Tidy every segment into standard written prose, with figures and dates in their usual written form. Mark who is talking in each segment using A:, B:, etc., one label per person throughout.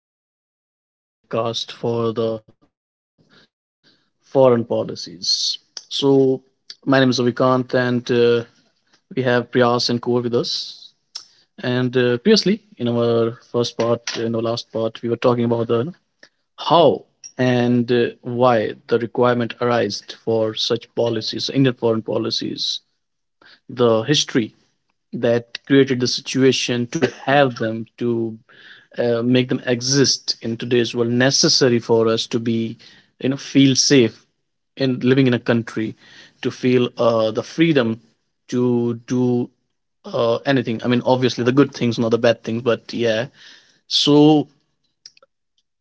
A: our second podcast for the foreign policies. So, my name is Avikant, and we have Priyas and Kaur with us. And previously, in our first part, in our last part, we were talking about the how and why the requirement arised for such policies, Indian foreign policies, the history that created the situation to have them to make them exist in today's world, necessary for us to be feel safe in living in a country, to feel the freedom to do anything. I mean, obviously the good things, not the bad things, but yeah. So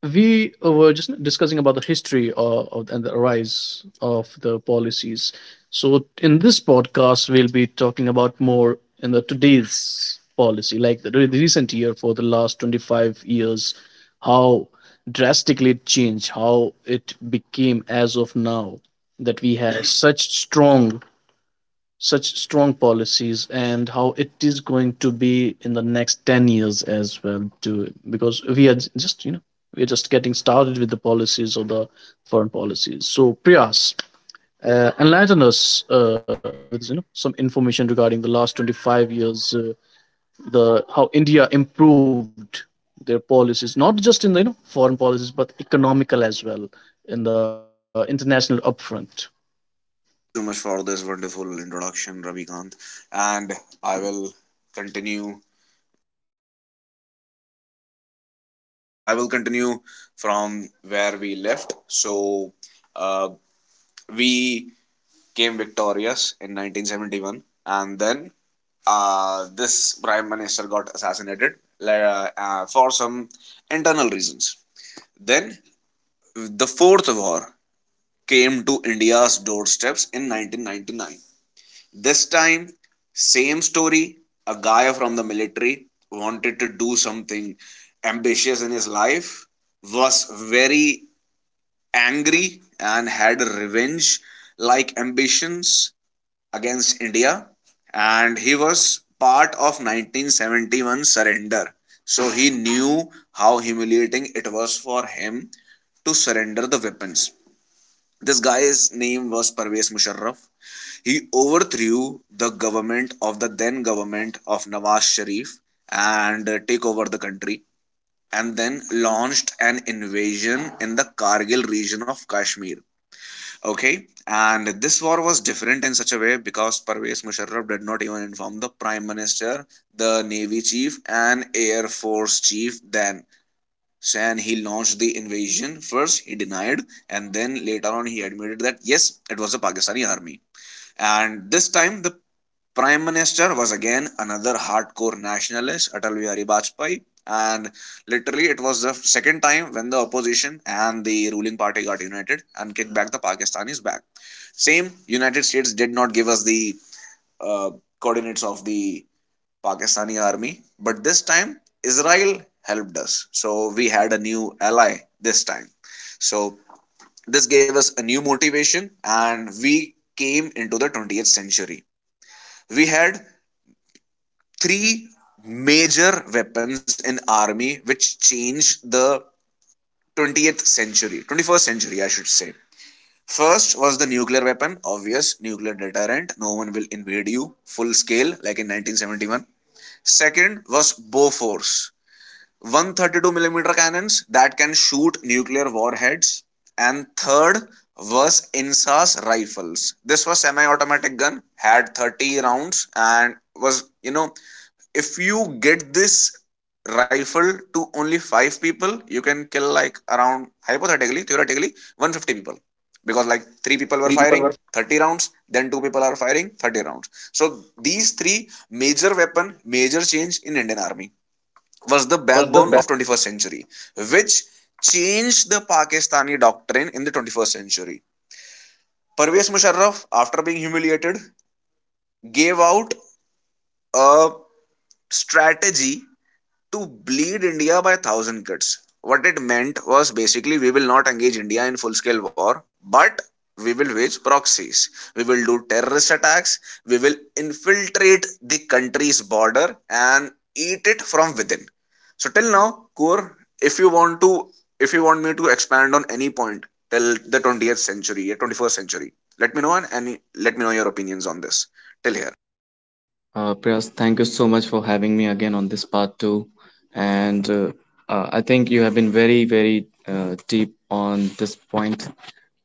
A: we were just discussing about the history and the rise of the policies. So in this podcast, we'll be talking about more in the today's policy, like the recent year, for the last 25 years, how drastically it changed, how it became as of now, that we have such strong policies, and how it is going to be in the next 10 years as well too, because we are j- just you know we're just getting started with the policies, or the foreign policies. So, Priyas, enlighten us with some information regarding the last 25 years, the how India improved their policies, not just in the foreign policies, but economical as well, in the international upfront.
B: Thank you so much for this wonderful introduction, Ravikant. And I will continue. Okay, I will continue from where we left. So, uh, we came victorious in 1971, and then this prime minister got assassinated for some internal reasons. Then the fourth war came to India's doorsteps in 1999. This time, same story. A guy from the military wanted to do something ambitious in his life, was very angry, and had revenge like ambitions against India. And he was part of 1971 surrender. So he knew how humiliating it was for him to surrender the weapons. This guy's name was Parvez Musharraf. He overthrew the government of the then government of Nawaz Sharif and take over the country and then launched an invasion in the Kargil region of Kashmir. Okay, and this war was different in such a way because Parvez Musharraf did not even inform the Prime Minister, the Navy Chief, and Air Force Chief then. So, and he launched the invasion. First, he denied, and then later on, he admitted that yes, it was the Pakistani army. And this time, the Prime Minister was again another hardcore nationalist, Atal Bihari Vajpayee, and literally it was the second time when the opposition and the ruling party got united and kicked back the Pakistanis back. Same, United States did not give us the uh, coordinates of the Pakistani army, but this time Israel helped us, so we had a new ally this time. So this gave us a new motivation, and we came into the 20th century. We had three major weapons in army which changed the 20th century, 21st century I should say. First was the nuclear weapon, obvious nuclear deterrent, no one will invade you full scale like in 1971. Second was bow force 132 millimeter cannons that can shoot nuclear warheads, and third was INSAS rifles. This was semi-automatic gun, had 30 rounds and was, you know, if you get this rifle to only five people you can kill like, around, hypothetically, theoretically, 150 people, because like
A: Because
B: three
A: like
B: people were
A: three people
B: firing
A: were
B: 30 rounds, then two people are firing 30 rounds. So these three major weapon, major change in Indian army was the
A: was the
B: backbone
A: best.
B: of 21st century, which changed the Pakistani doctrine in the 21st century. Parvez Musharraf, after being humiliated, gave out a strategy to bleed India by 1,000 kids. What it meant was basically we will not engage India in full scale war, but we will wage proxies. We will do terrorist attacks. We will infiltrate the country's border and eat it from within. So till now, Kur, if you want to, if you want me to expand on any point till the 20th century, 21st century, let me know, and any, let me know your opinions on this. Till here.
C: Priyas, thank you so much for having me again on this part two. And I think you have been very, very deep on this point.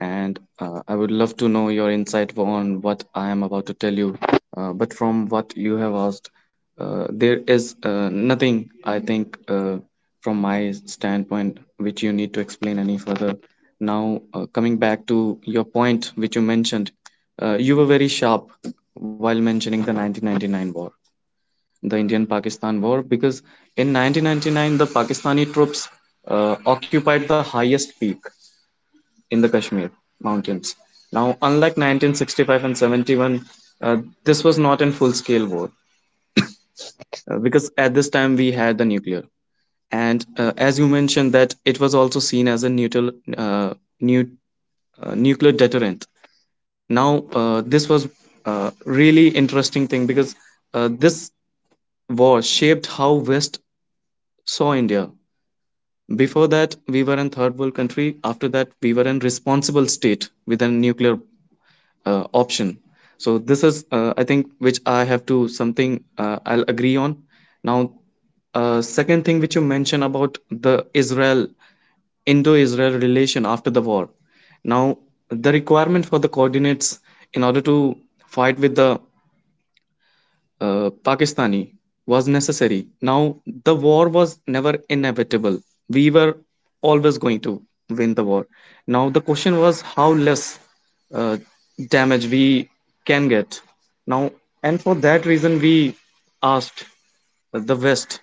C: And I would love to know your insight on what I am about to tell you. But from what you have asked, there is nothing, I think, from my standpoint, which you need to explain any further. Coming back to your point, which you mentioned, you were very sharp while mentioning the 1999 war, the Indian Pakistan War, because in 1999 the Pakistani troops occupied the highest peak in the Kashmir mountains. Now, unlike 1965 and 71, uh, this was not in full scale war because at this time we had the nuclear. And As you mentioned, that it was also seen as a neutral, uh, nu- nuclear deterrent. This was a really interesting thing because this war shaped how West saw India. Before that, we were a third world country. After that, we were a responsible state with a nuclear option. So, this is, I think, which I have to something I'll agree on. Now, Second thing which you mentioned about the Israel Indo-Israel relation after the war. Now, the requirement for the coordinates in order to fight with the Pakistani was necessary. Now, the war was never inevitable. We were always going to win the war. Now, the question was how less uh, damage we can get. Now, and for that reason, we asked the West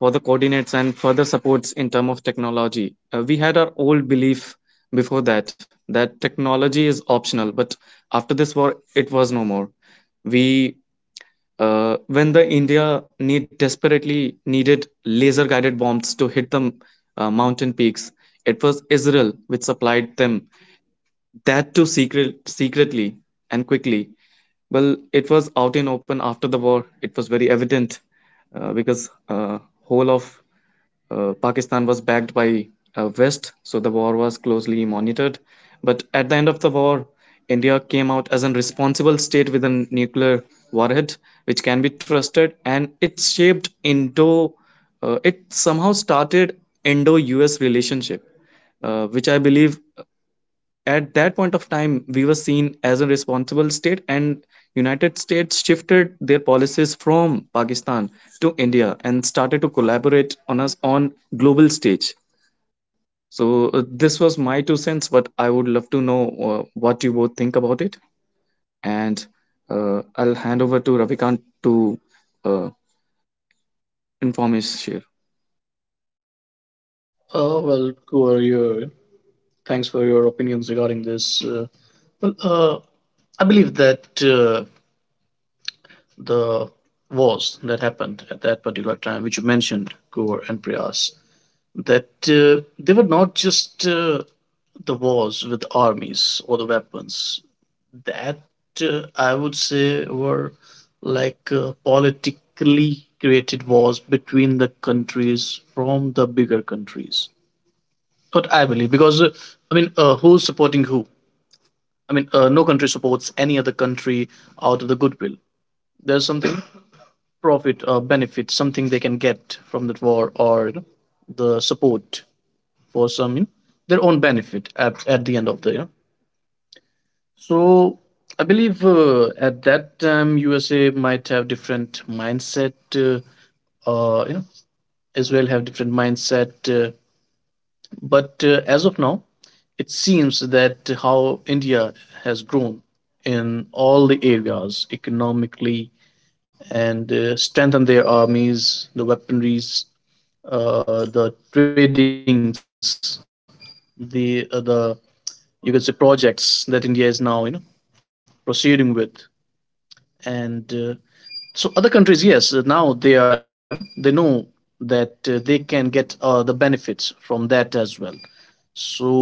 C: for the coordinates and further supports in terms of technology. We had our old belief before that that technology is optional, but after this war, it was no more. We When the India need desperately needed laser guided bombs to hit the mountain peaks, it was Israel which supplied them, that too secretly and quickly. Well, it was out in open after the war. It was very evident because whole of Pakistan was backed by West, so the war was closely monitored. But at the end of the war, India came out as a responsible state with a nuclear warhead, which can be trusted, and it shaped Indo. It somehow started Indo-US relationship, which I believe at that point of time we were seen as a responsible state, and United States shifted their policies from Pakistan to India and started to collaborate on us on global stage. So this was my two cents, but I would love to know what you both think about it. And I'll hand over to Ravikant to uh, inform his share.
A: Oh, well, who are you? Thanks for your opinions regarding this. Well, I believe that the wars that happened at that particular time, which you mentioned, Gore and Priyas, that they were not just the wars with armies or the weapons. That I would say were like politically created wars between the countries, from the bigger countries. What I believe, because I mean, who's supporting who? I mean, no country supports any other country out of the goodwill. There's something profit or benefit, something they can get from that war, or the support, for some their own benefit at the end of the year. So I believe at that time USA might have different mindset. Uh, you know, Israel have different mindset. But as of now, it seems that how India has grown in all the areas economically, and strengthened their armies, the weaponries, the tradings, the you could say projects that India is now proceeding with, and so other countries, yes, now they are, they know that they can get the benefits from that as well. So,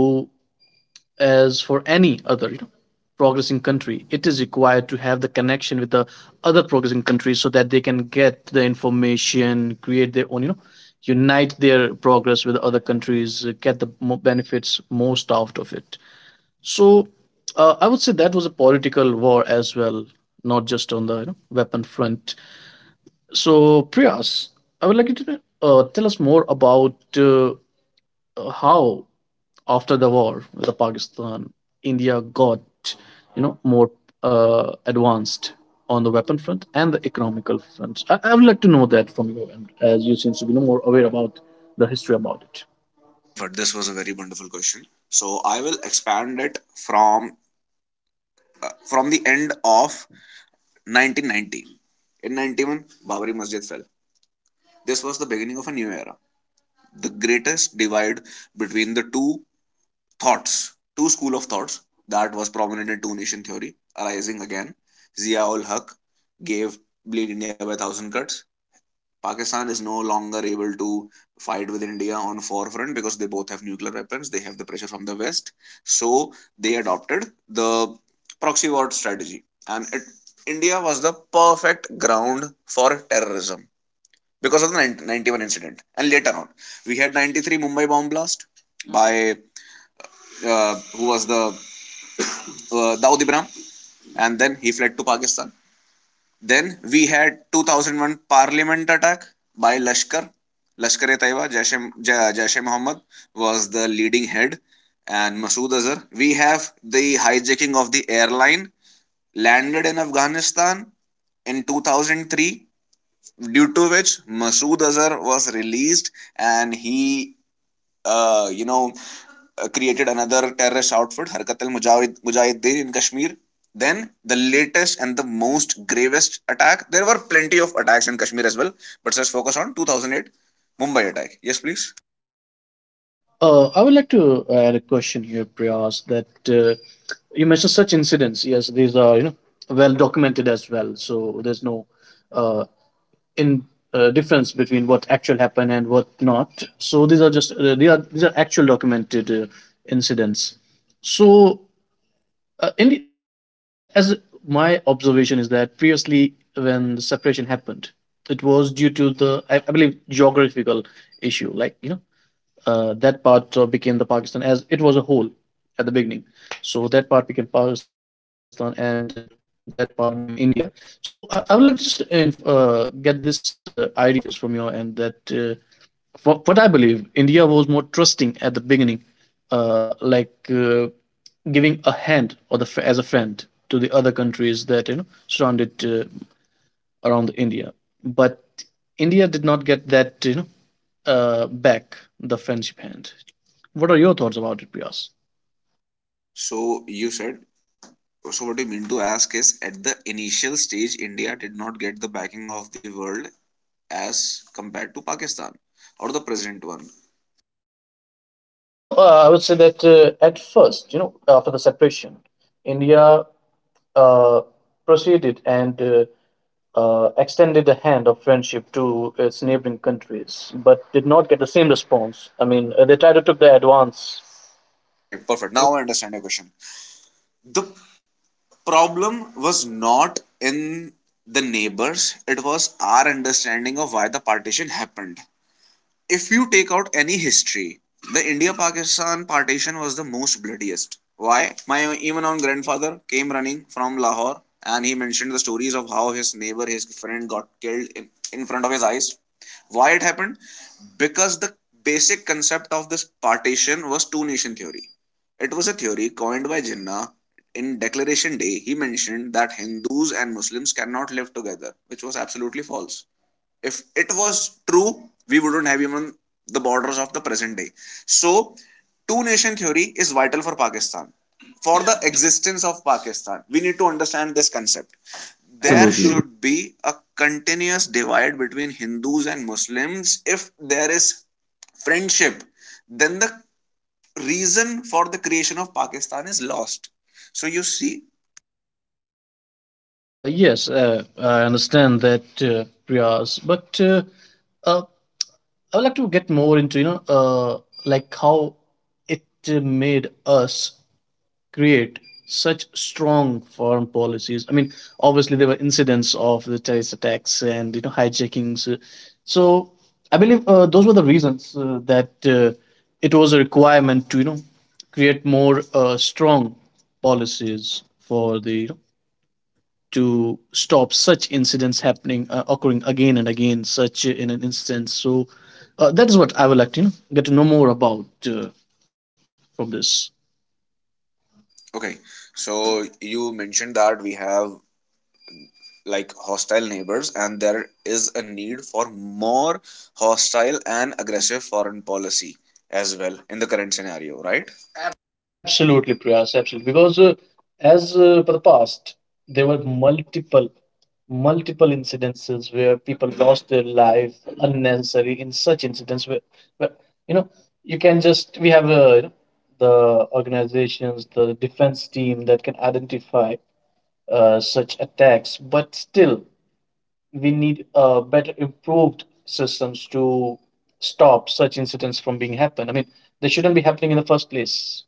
A: as for any other progressing country, it is required to have the connection with the other progressing countries, so that they can get the information, create their own, unite their progress with other countries, get the benefits most out of it. So I would say that was a political war as well, not just on the weapon front. So, Priyas, I would like you to tell us more about how after the war the Pakistan, India got, more advanced on the weapon front and the economical front. I would like to know that from your end, as you seems to be no more aware about the history about it.
B: Perfect. This was a very wonderful question. So I will expand it from the end of 1990. In 91, Babri Masjid fell. This was the beginning of a new era. The greatest divide between the two thoughts, two school of thoughts that was prominent in two nation theory arising again. Zia ul Haq gave Bleed India by a thousand cuts. Pakistan is no longer able to fight with India on forefront because they both have nuclear weapons. They have the pressure from the West, so they adopted the proxy war strategy, and it, India was the perfect ground for terrorism because of the 90, 91 incident. And later on, we had 93 Mumbai bomb blast by who was the Daud Ibrahim, and then he fled to Pakistan. Then we had 2001 Parliament attack by Lashkar. Lashkar e Taiba, Jaish e Muhammad was the leading head, and Masood Azhar. We have the hijacking of the airline landed in Afghanistan in 2003, due to which Masood Azhar was released and he uh, you know, created another terrorist outfit, Harkat al Mujahideen in Kashmir. Then the latest and the most gravest attack. There were plenty of attacks in Kashmir as well, but let's focus on 2008 Mumbai attack. Yes, please.
A: I would like to add a question here, Priyas, that you mentioned such incidents. Yes, these are, well documented as well, so there's no uh, in difference between what actual happened and what not. So, these are just they are these are actual documented incidents. So as my observation is that, previously, when the separation happened, it was due to the I believe geographical issue, like that part became the Pakistan, as it was a whole at the beginning. So that part became Pakistan, and that part became India. So I would like to just get this idea of yours from your end, that what I believe, India was more trusting at the beginning, like giving a hand, or as a friend, to the other countries that surrounded around India. But India did not get that, back the friendship hand. What are your thoughts about it, Priyas?
B: So you said. So what you mean to ask is, at the initial stage, India did not get the backing of the world as compared to Pakistan or the present one.
A: No, I would say that at first, after the separation, India uh, proceeded and extended a hand of friendship to its neighboring countries, but did not get the same response. I mean, they tried to took the advance.
B: Okay, perfect. Now I understand your question. The problem was not in the neighbors, it was our understanding of why the partition happened. If you take out any history, the India Pakistan partition was the most bloodiest. Why? My even own grandfather came running from Lahore, and he mentioned the stories of how his neighbor, his friend got killed in front of his eyes. Why it happened? Because the basic concept of this partition was two nation theory. It was a theory coined by Jinnah. In Declaration Day, he mentioned that Hindus and Muslims cannot live together, which was absolutely false. If it was true, we wouldn't have even the borders of the present day. So, two nation theory is vital for Pakistan. For the existence of Pakistan, we need to understand this concept. There
C: Absolutely.
B: should be a continuous divide between Hindus and Muslims. If there is friendship, then the reason for the creation of Pakistan is lost. So you see,
A: Yes, I understand that, Priyas, but uh, I would like to get more into, like how it made us create such strong foreign policies. I mean, obviously there were incidents of the terrorist attacks, and hijackings. So I believe those were the reasons that it was a requirement to create more strong policies for the to stop such incidents happening occurring again and again, such in an instance. So that is what I would like to, get to know more about, from this.
B: okay, so you mentioned that we have like hostile neighbors and there is a need for more hostile and aggressive foreign policy as well in the current scenario, right?
A: Absolutely, Priyas, absolutely. Because as for the past, there were multiple, multiple incidences where people lost their life unnecessary in such incidents, where you know, you can just we have the organizations, the defense team that can identify such attacks. But still, we need better improved systems to stop such incidents from being happened. I mean, they shouldn't be happening in the first place.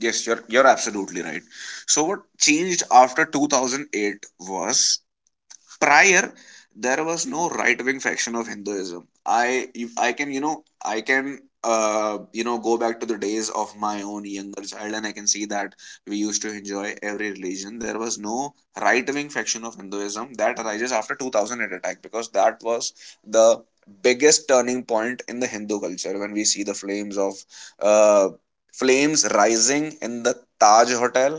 B: Yes, you're absolutely right. So what changed after 2008 was, prior there was no right wing faction of Hinduism. i I can you know I can you know go back to the days of my own younger child and I can see that we used to enjoy every religion. There was no right wing faction of Hinduism. That arises after 2008 attack, because that was the biggest turning point in the Hindu culture. When we see the flames of uh, flames rising in the Taj hotel,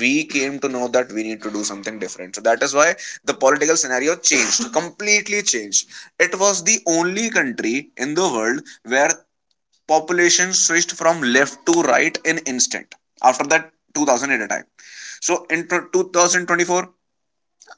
B: we came to know that we need to do something different. So that is why the political scenario changed, completely changed. It was the only country in the world where population switched from left to right in instant after that 2008 attack. So in 2024,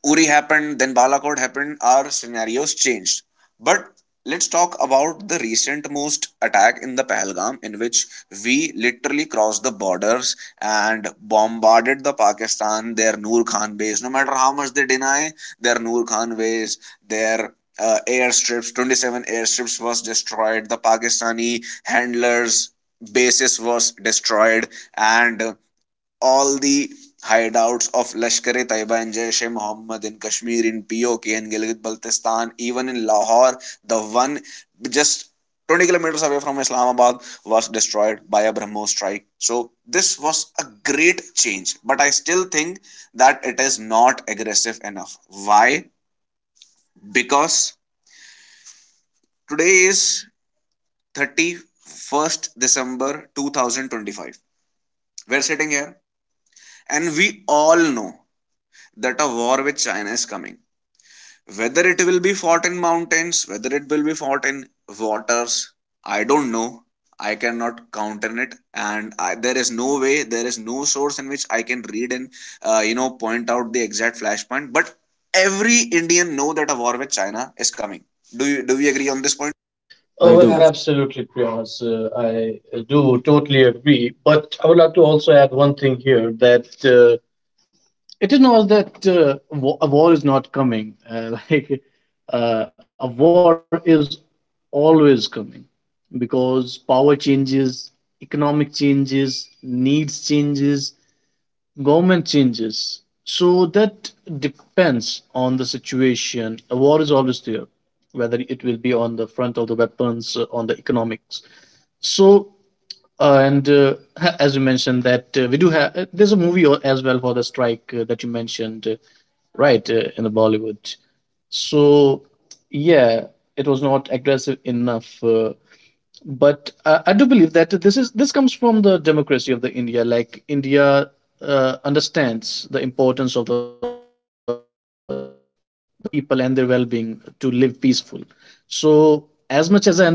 B: Uri happened, then Balakot happened, our scenarios changed. But let's talk about the recent most attack in the Pahalgam, in which we literally crossed the borders and bombarded the Pakistan, their Noor Khan base. No matter how much they deny, their Noor Khan base, their airstrips, 27 airstrips was destroyed. The Pakistani handlers bases was destroyed, and all the hideouts of Lashkar e Taiba and Jaish e Mohammed in Kashmir, in POK, in Gilgit Baltistan, even in Lahore, the one just 20 kilometers away from Islamabad was destroyed by a Brahmos strike. So, this was a great change, but I still think that it is not aggressive enough. Why? Because today is 31st December 2025. We're sitting here and we all know that a war with China is coming. Whether it will be fought in mountains, whether it will be fought in waters, I don't know. I cannot count on it, and I, there is no way, there is no source in which I can read and you know point out the exact flashpoint. But every Indian know that a war with China is coming. Do you, do we agree on this point?
A: Oh,
C: I
A: well,
C: do.
A: absolutely, Priyas. I do totally agree. But I would like to also add one thing here, that it is not that a war is not coming. Like a war is always coming, because power changes, economic changes, needs changes, government changes. So that depends on the situation. A war is always there, whether it will be on the front of the weapons, on the economics. So as you mentioned that we do have there's a movie as well for the strike that you mentioned, right, in the Bollywood. So, yeah, it was not aggressive enough, but I do believe that this comes from the democracy of the India. Like India understands the importance of the people, and their well-being to live peaceful. So, as much as I understood from the history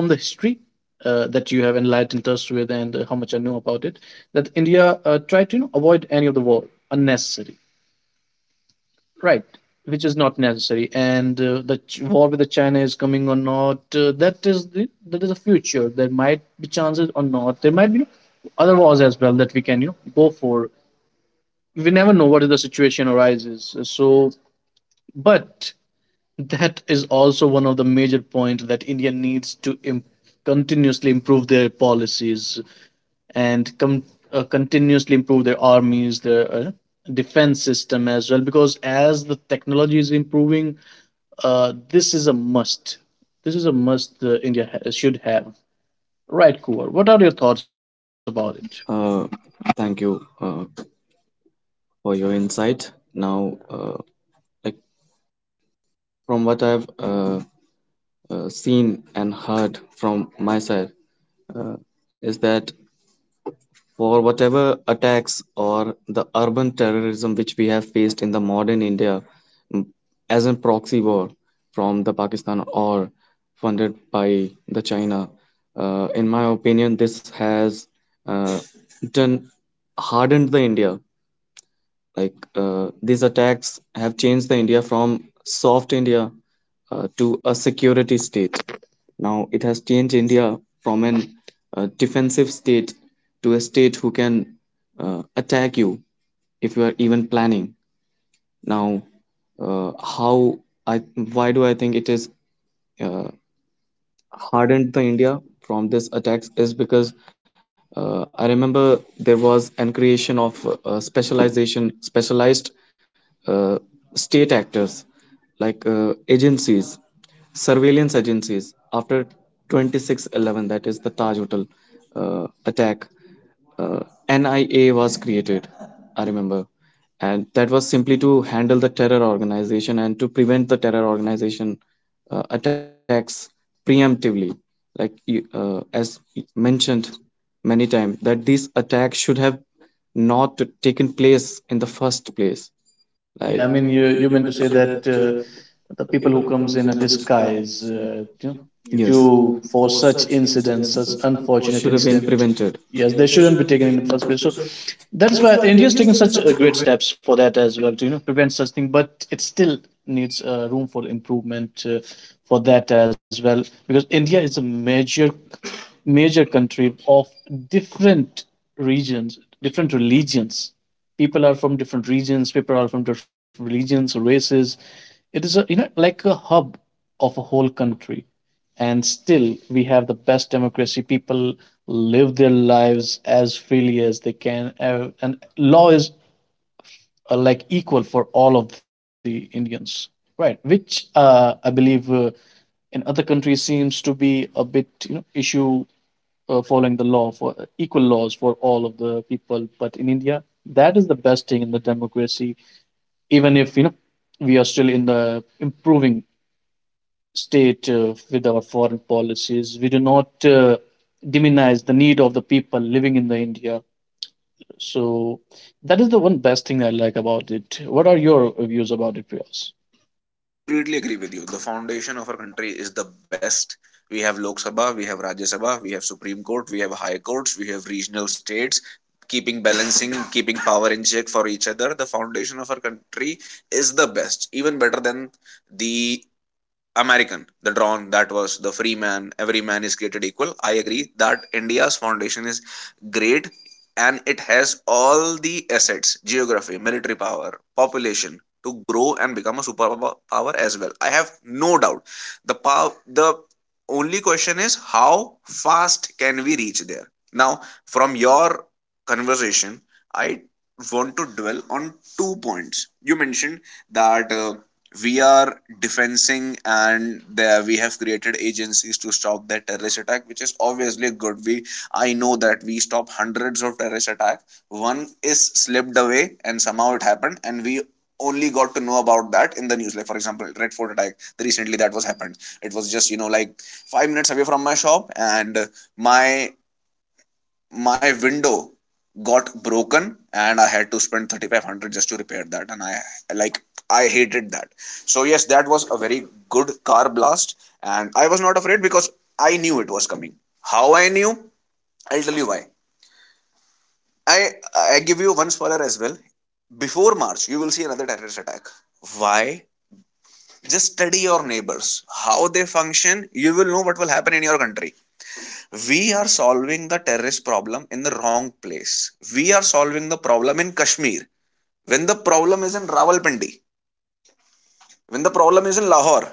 A: that you have enlightened us with, and how much I know about it, that India tried to, avoid any of the war unnecessary, right, which is not necessary. And war with the China is coming or not, that is the future. There might be chances or not, there might be other wars as well that we can go for. We never know what is the situation arises. So, but that is also one of the major points, that India needs to continuously improve their policies, and continuously improve their armies, their defense system as well. Because as the technology is improving, this is a must. This is a must India should have. Right, Kuvar. What are your thoughts about it?
C: uh, Thank you uh, for your insight. Now uh, like from what I've seen and heard from my side, uh, is that for whatever attacks or the urban terrorism which we have faced in the modern India, mm, as a proxy war from the Pakistan or funded by the China, in my opinion, this has uh, done hardened the India. These attacks have changed the India from soft India to a security state. Now it has changed India from an defensive state to a state who can attack you if you are even planning. Now, how I why do I think it is? uh, Hardened the India from this attacks is because I remember there was an creation of specialized uh, state actors, like agencies, surveillance agencies after 2611, that is the Taj Hotel attack. uh, NIA was created, I remember. And that was simply to handle the terror organization and to prevent the terror organization attacks preemptively. As mentioned many times, that these attacks should have not taken place in the first place.
A: Yeah, I
C: Yeah, I
A: mean,
C: mean,
A: you
C: you
A: you
C: you
A: meant to
C: meant to
A: say
C: say
A: that
C: that
A: the
C: the
A: people who
C: people who
A: comes in
C: comes
A: a
C: in a
A: disguise,
C: disguise. You know,
A: yes.
C: yes,
A: To
C: due
A: for
C: for
A: such
C: such
A: incidents,
C: incidents,
A: such
C: such unfortunate
A: unfortunate
C: should have been
A: incident.
C: incidents. Prevented.
A: Yes,
C: Yeah,
A: they
C: they
A: shouldn't be
C: shouldn't be
A: taken in
C: taken
A: the
C: in
A: first
C: the first
A: place. So
C: place. So
A: that's
C: that's
A: why
C: why
A: India's
C: India is
A: taking
C: taking
A: such
C: such a
A: great
C: great
A: steps for that as well, to prevent such thing. But it still needs room for improvement, for that as well, because India is a major, major country of different regions, different religions. People are from different regions, people are from different religions, races. It is a you know like a hub of a whole country, and still we have the best democracy. People live their lives as freely as they can, and law is, like, equal for all of the Indians, right, which I believe, in other countries seems to be a bit, issue following the law, for equal laws for all of the people. But in India, that is the best thing in the democracy. Even if we are still in the improving state with our foreign policies, we do not demonize the need of the people living in the India. So that is the one best thing I like about it. What are your views about it, Priyas?
B: Completely agree with you. The foundation of our country is the best. We have Lok Sabha, we have Rajya Sabha, we have Supreme Court, we have High Courts, we have regional states, keeping balancing, keeping power in check for each other. The foundation of our country is the best, even better than the American, the drawn that was the free man, every man is created equal. I agree that India's foundation is great, and it has all the assets, geography, military power, population to grow and become a superpower as well. I have no doubt. The pow-, the only question is how fast can we reach there? Now, from your conversation, I want to dwell on two points. You mentioned that we are defensing and there we have created agencies to stop that terrorist attack, which is obviously good. We I know that we stop hundreds of terrorist attack, one is slipped away and somehow it happened and we only got to know about that in the news, like for example red fort attack recently that was happened. It was just like 5 minutes away from my shop and my my window got broken and I had to spend 3,500 just to repair that. And I like I hated that. So yes, that was a very good car blast, and I was not afraid because I knew it was coming. How I knew, I'll tell you why. I i give you one spoiler as well. Before march you will see another terrorist attack. Why? Just study your neighbors, how they function, you will know what will happen in your country. We are solving the terrorist problem in the wrong place. We are solving the problem in Kashmir when the problem is in Rawalpindi, when the problem is in Lahore.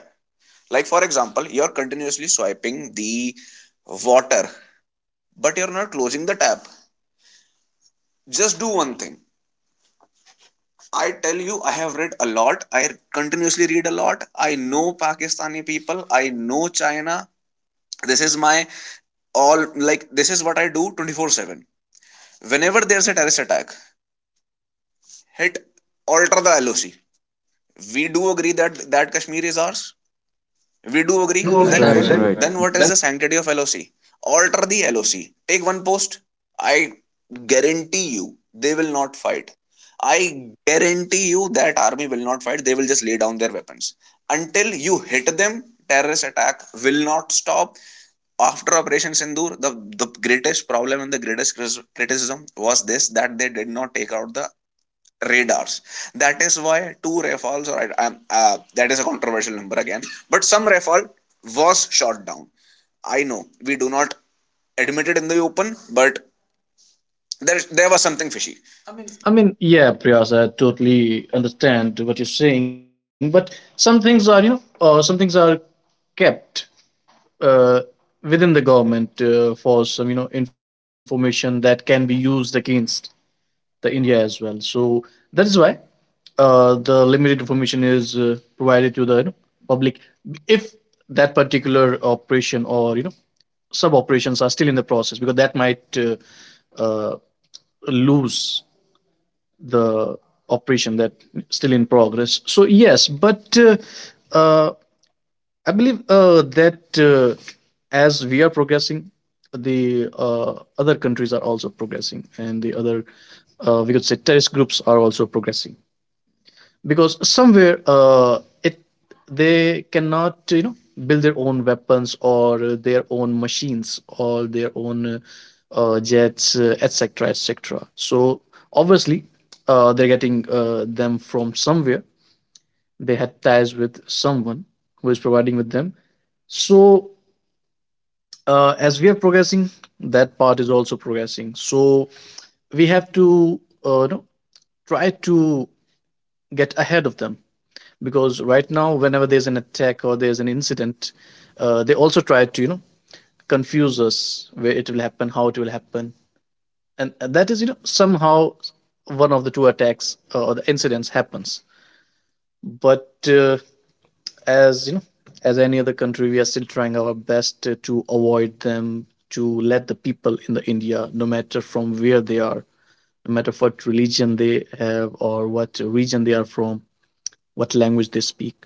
B: Like, for example, you're continuously swiping the water, but you're not closing the tap. Just do one thing. I tell you, I have read a lot. I continuously read a lot. I know Pakistani people. I know China. This is my all, like, this is what I do 24/7. Whenever there's a terrorist attack, hit, alter the LOC. We do agree that Kashmir is ours. We do
A: We
B: agree.
A: do
B: Right,
C: action.
A: agree.
B: then
C: Right,
B: right,
C: action.
A: Absolutely.
C: Right.
A: Right, right.
B: then what is the sanctity of LOC? Alter the LOC. Take one post. I guarantee you they will not fight. I guarantee you that army will not fight. They will just lay down their weapons. Until you hit them, terrorist attack will not stop. After Operation Sindoor, the greatest problem and the greatest criticism was this, that they did not take out the radars. That is why two Rafales, or I, am that is a controversial number again, but some Rafale was shot down. I know we do not admit it in the open, but there was something fishy.
A: Priyas, I totally understand what you're saying, but some things are, some things are kept uh, within the government for some, information that can be used against the India as well. So that is why the limited information is provided to the public. If that particular operation or sub operations are still in the process, because that might uh, lose the operation that still in progress. So yes, but uh, I believe that as we are progressing, the other countries are also progressing, and the other, we could say, terrorist groups are also progressing because somewhere it they cannot build their own weapons or their own machines or their own jets, jets, etc, etc. So obviously they're getting them from somewhere. They had ties with someone who is providing with them. So as we are progressing, that part is also progressing, so we have to uh, you know, try to get ahead of them, because right now whenever there's an attack or there's an incident, they also try to confuse us where it will happen, how it will happen. And that is, somehow one of the two attacks or the incidents happens. But as you know, as any other country, we are still trying our best to avoid them, to let the people in the india, no matter from where they are, no matter what religion they have or what region they are from, what language they speak,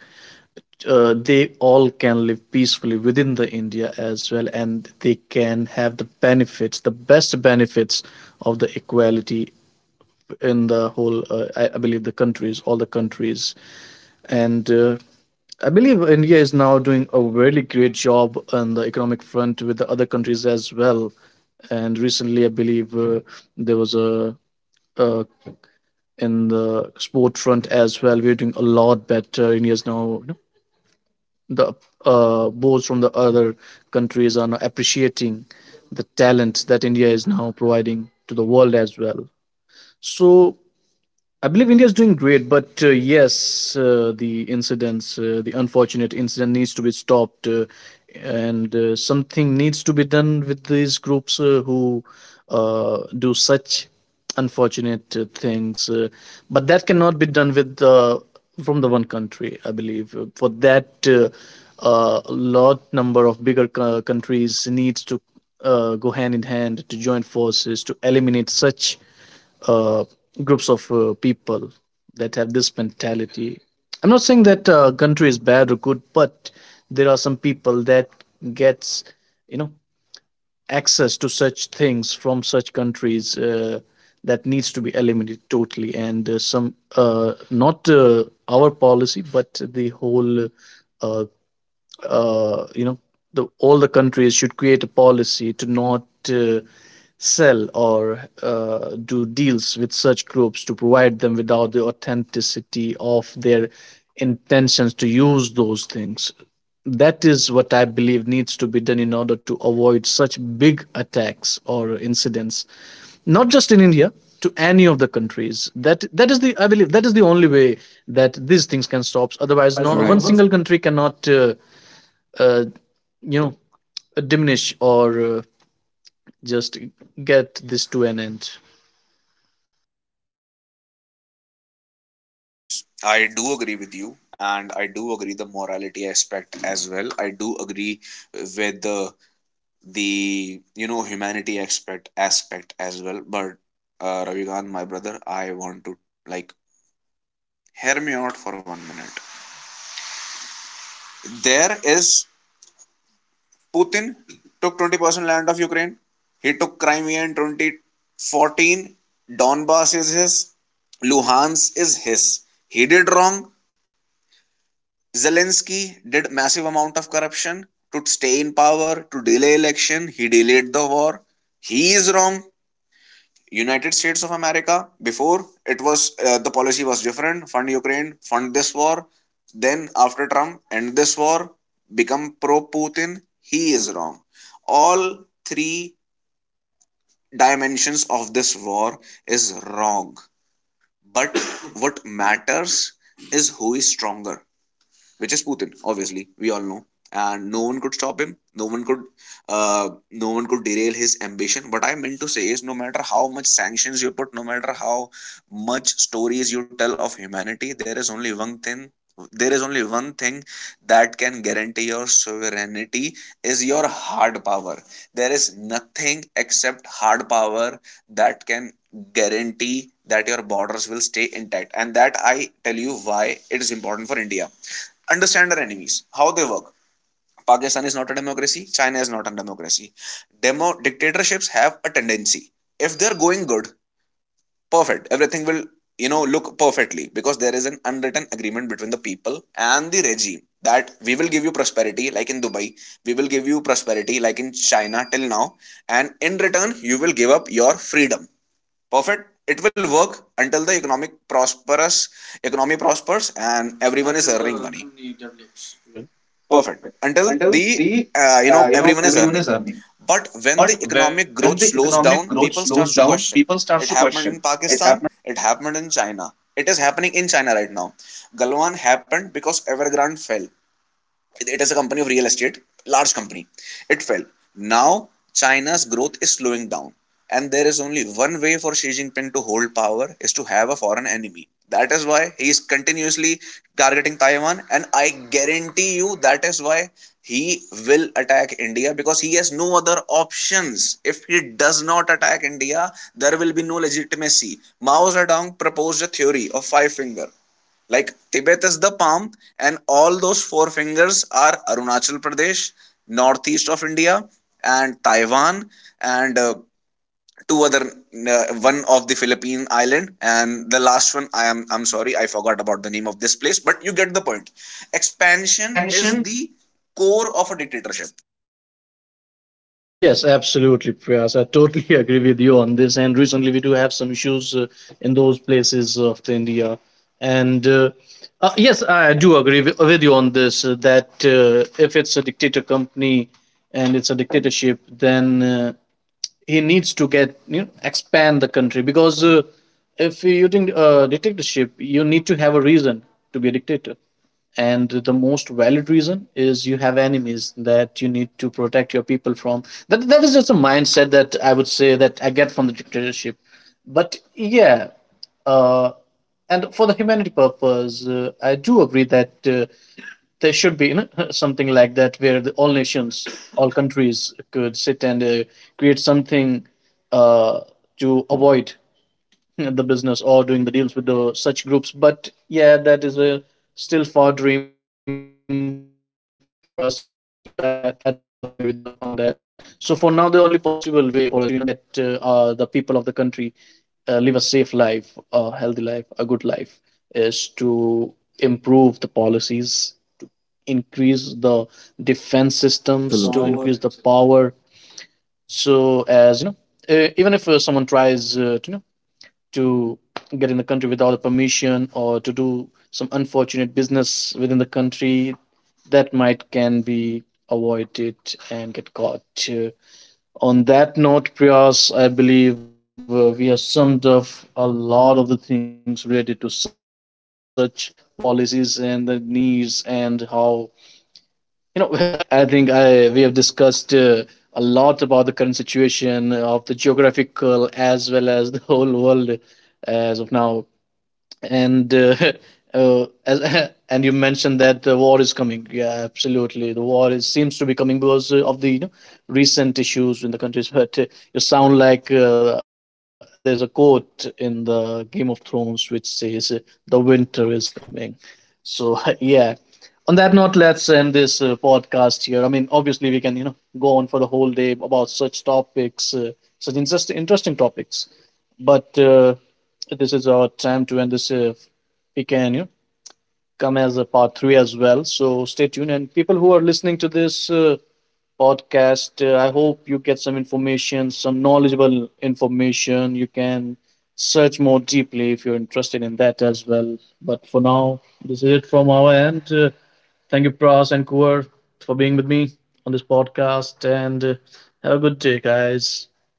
A: they all can live peacefully within the india as well, and they can have the benefits, the best benefits of the equality in the whole, I believe, the countries, all the countries. And I believe India is now doing a really great job on the economic front with the other countries as well. And recently, I believe there was a, uh, in the sport front as well. We're doing a lot better. India is now, you know, the boards from the other countries are now appreciating the talent that India is now providing to the world as well. So I believe India is doing great, but yes, the incidents, the unfortunate incident needs to be stopped, and something needs to be done with these groups who do such unfortunate things. But that cannot be done with, from the one country, I believe. For that, lot number of bigger countries needs to go hand in hand, to join forces to eliminate such uh, groups of people that have this mentality. I'm not saying that country is bad or good, but there are some people that gets you know access to such things from such countries, that needs to be eliminated totally. And some, not our policy, but the whole. Uh, uh, you know the all the countries should create a policy to not uh, sell or do deals with such groups, to provide them without the authenticity of their intentions to use those things. That is what I believe needs to be done in order to avoid such big attacks or incidents, not just in india, to any of the countries. That is the, I believe that is the only way that these things can stop. Otherwise
C: Otherwise. Right.
A: no
C: No. Right.
A: one
C: One's
A: single country cannot uh, you know diminish or just get this to an end.
B: Yes, I do agree with you, and I do agree the morality aspect as well. I do agree with the you know humanity aspect as well. But Ravikant, my brother, I want to like hear me out for 1 minute. There is Putin took 20% land of Ukraine. He took Crimea in 2014. Donbass is his. Luhansk is his. He did wrong. Zelensky did massive amount of corruption to stay in power, to delay election. He delayed the war. He is wrong. United States of America, before it was the policy was different: fund Ukraine, fund this war. Then after Trump, end this war, become pro Putin. He is wrong. All three dimensions of this war is wrong. But what matters is who is stronger, which is Putin. Obviously, we all know, and no one could stop him. No one could derail his ambition. What I meant to say is, no matter how much sanctions you put, no matter how much stories you tell of humanity, there is only one thing. There is only one thing that can guarantee your sovereignty is your hard power. There is nothing except hard power that can guarantee that your borders will stay intact. And that I tell you why it is important for India. Understand our enemies, how they work. Pakistan is not a democracy, China is not a democracy. Demo dictatorships have a tendency. If they're going good, perfect. Everything will, you know, look perfectly, because there is an unwritten agreement between the people and the regime that we will give you prosperity like in Dubai, we will give you prosperity like in China till now, and in return, you will give up your freedom. Perfect. It will work until the economic prosperous economy prospers and everyone is
A: Everyone until is
B: earning
A: the
B: money.
A: serving. Company develops to it. Will.
B: Perfect.
A: Perfect.
B: Until the, you know, everyone is earning. But when the economic growth slows down, people start to question. It happened in Pakistan. It happened in China. It is happening in China right now. Galwan happened because Evergrande fell. It is a company of real estate, large company, it fell. Now China's growth is slowing down, and there is only one way for Xi Jinping to hold power is to have a foreign enemy. That is why he is continuously targeting Taiwan, and I guarantee you that is why he will attack India, because he has no other options. If he does not attack India, there will be no legitimacy. Mao Zedong proposed a theory of five finger, like Tibet is the palm, and all those four fingers are Arunachal Pradesh, northeast of India, and Taiwan, and two other, one of the Philippine island, and the last one. I'm sorry, I forgot about the name of this place, but you get the point. Expansion
A: Expansion.
B: is the core of a dictatorship.
A: Yes, absolutely, Priyas. I totally agree with you on this. And recently, we do have some issues in those places of the India. And yes, I do agree with you on this that if it's a dictator company and it's a dictatorship, then he needs to, get you know, expand the country, because if you think a dictatorship, you need to have a reason to be a dictator, and the most valid reason is you have enemies that you need to protect your people from. That is just a mindset that I would say that I get from the dictatorship. But yeah, uh, and for the humanity purpose, I do agree that there should be, you know, something like that where the, all nations, all countries could sit and create something uh, to avoid the business or doing the deals with the such groups. But yeah, that is a still far dream for us as well. I do agree with, on that. So for now, the only possible way for us to, you know, get the people of the country live a safe life, a healthy life, a good life, is to improve the policies, increase the defense systems, to
C: with the
A: increase the
C: absolutely.
A: power. So as you know, even if someone tries to, you know, to get in the country without the permission, or to do some unfortunate business within the country, that might can be avoided and get caught. Uh, on that note, Priyas, I believe we have summed up a lot of the things related to such policies and the needs and how, you know. I think I we have discussed. A lot about the current situation of the geographical as well as the whole world as of now. And and you mentioned that the war is coming. Yeah, absolutely, the war is, seems to be coming, because of the, you know, recent issues in the countries. But you sound like, there's a quote in the Game of Thrones which says, the winter is coming. So yeah, on that note, let's end this podcast here. I mean, obviously we can, you know, go on for the whole day about such topics, such interesting topics, but this is our time to end this. We can, you know, come as a part three as well. So stay tuned. And people who are listening to this podcast, I hope you get some information, some knowledgeable information. You can search more deeply if you're interested in that as well. But for now, this is it from our end. Thank you, Pras and Kuar, for being with me on this podcast. And have a good day, guys.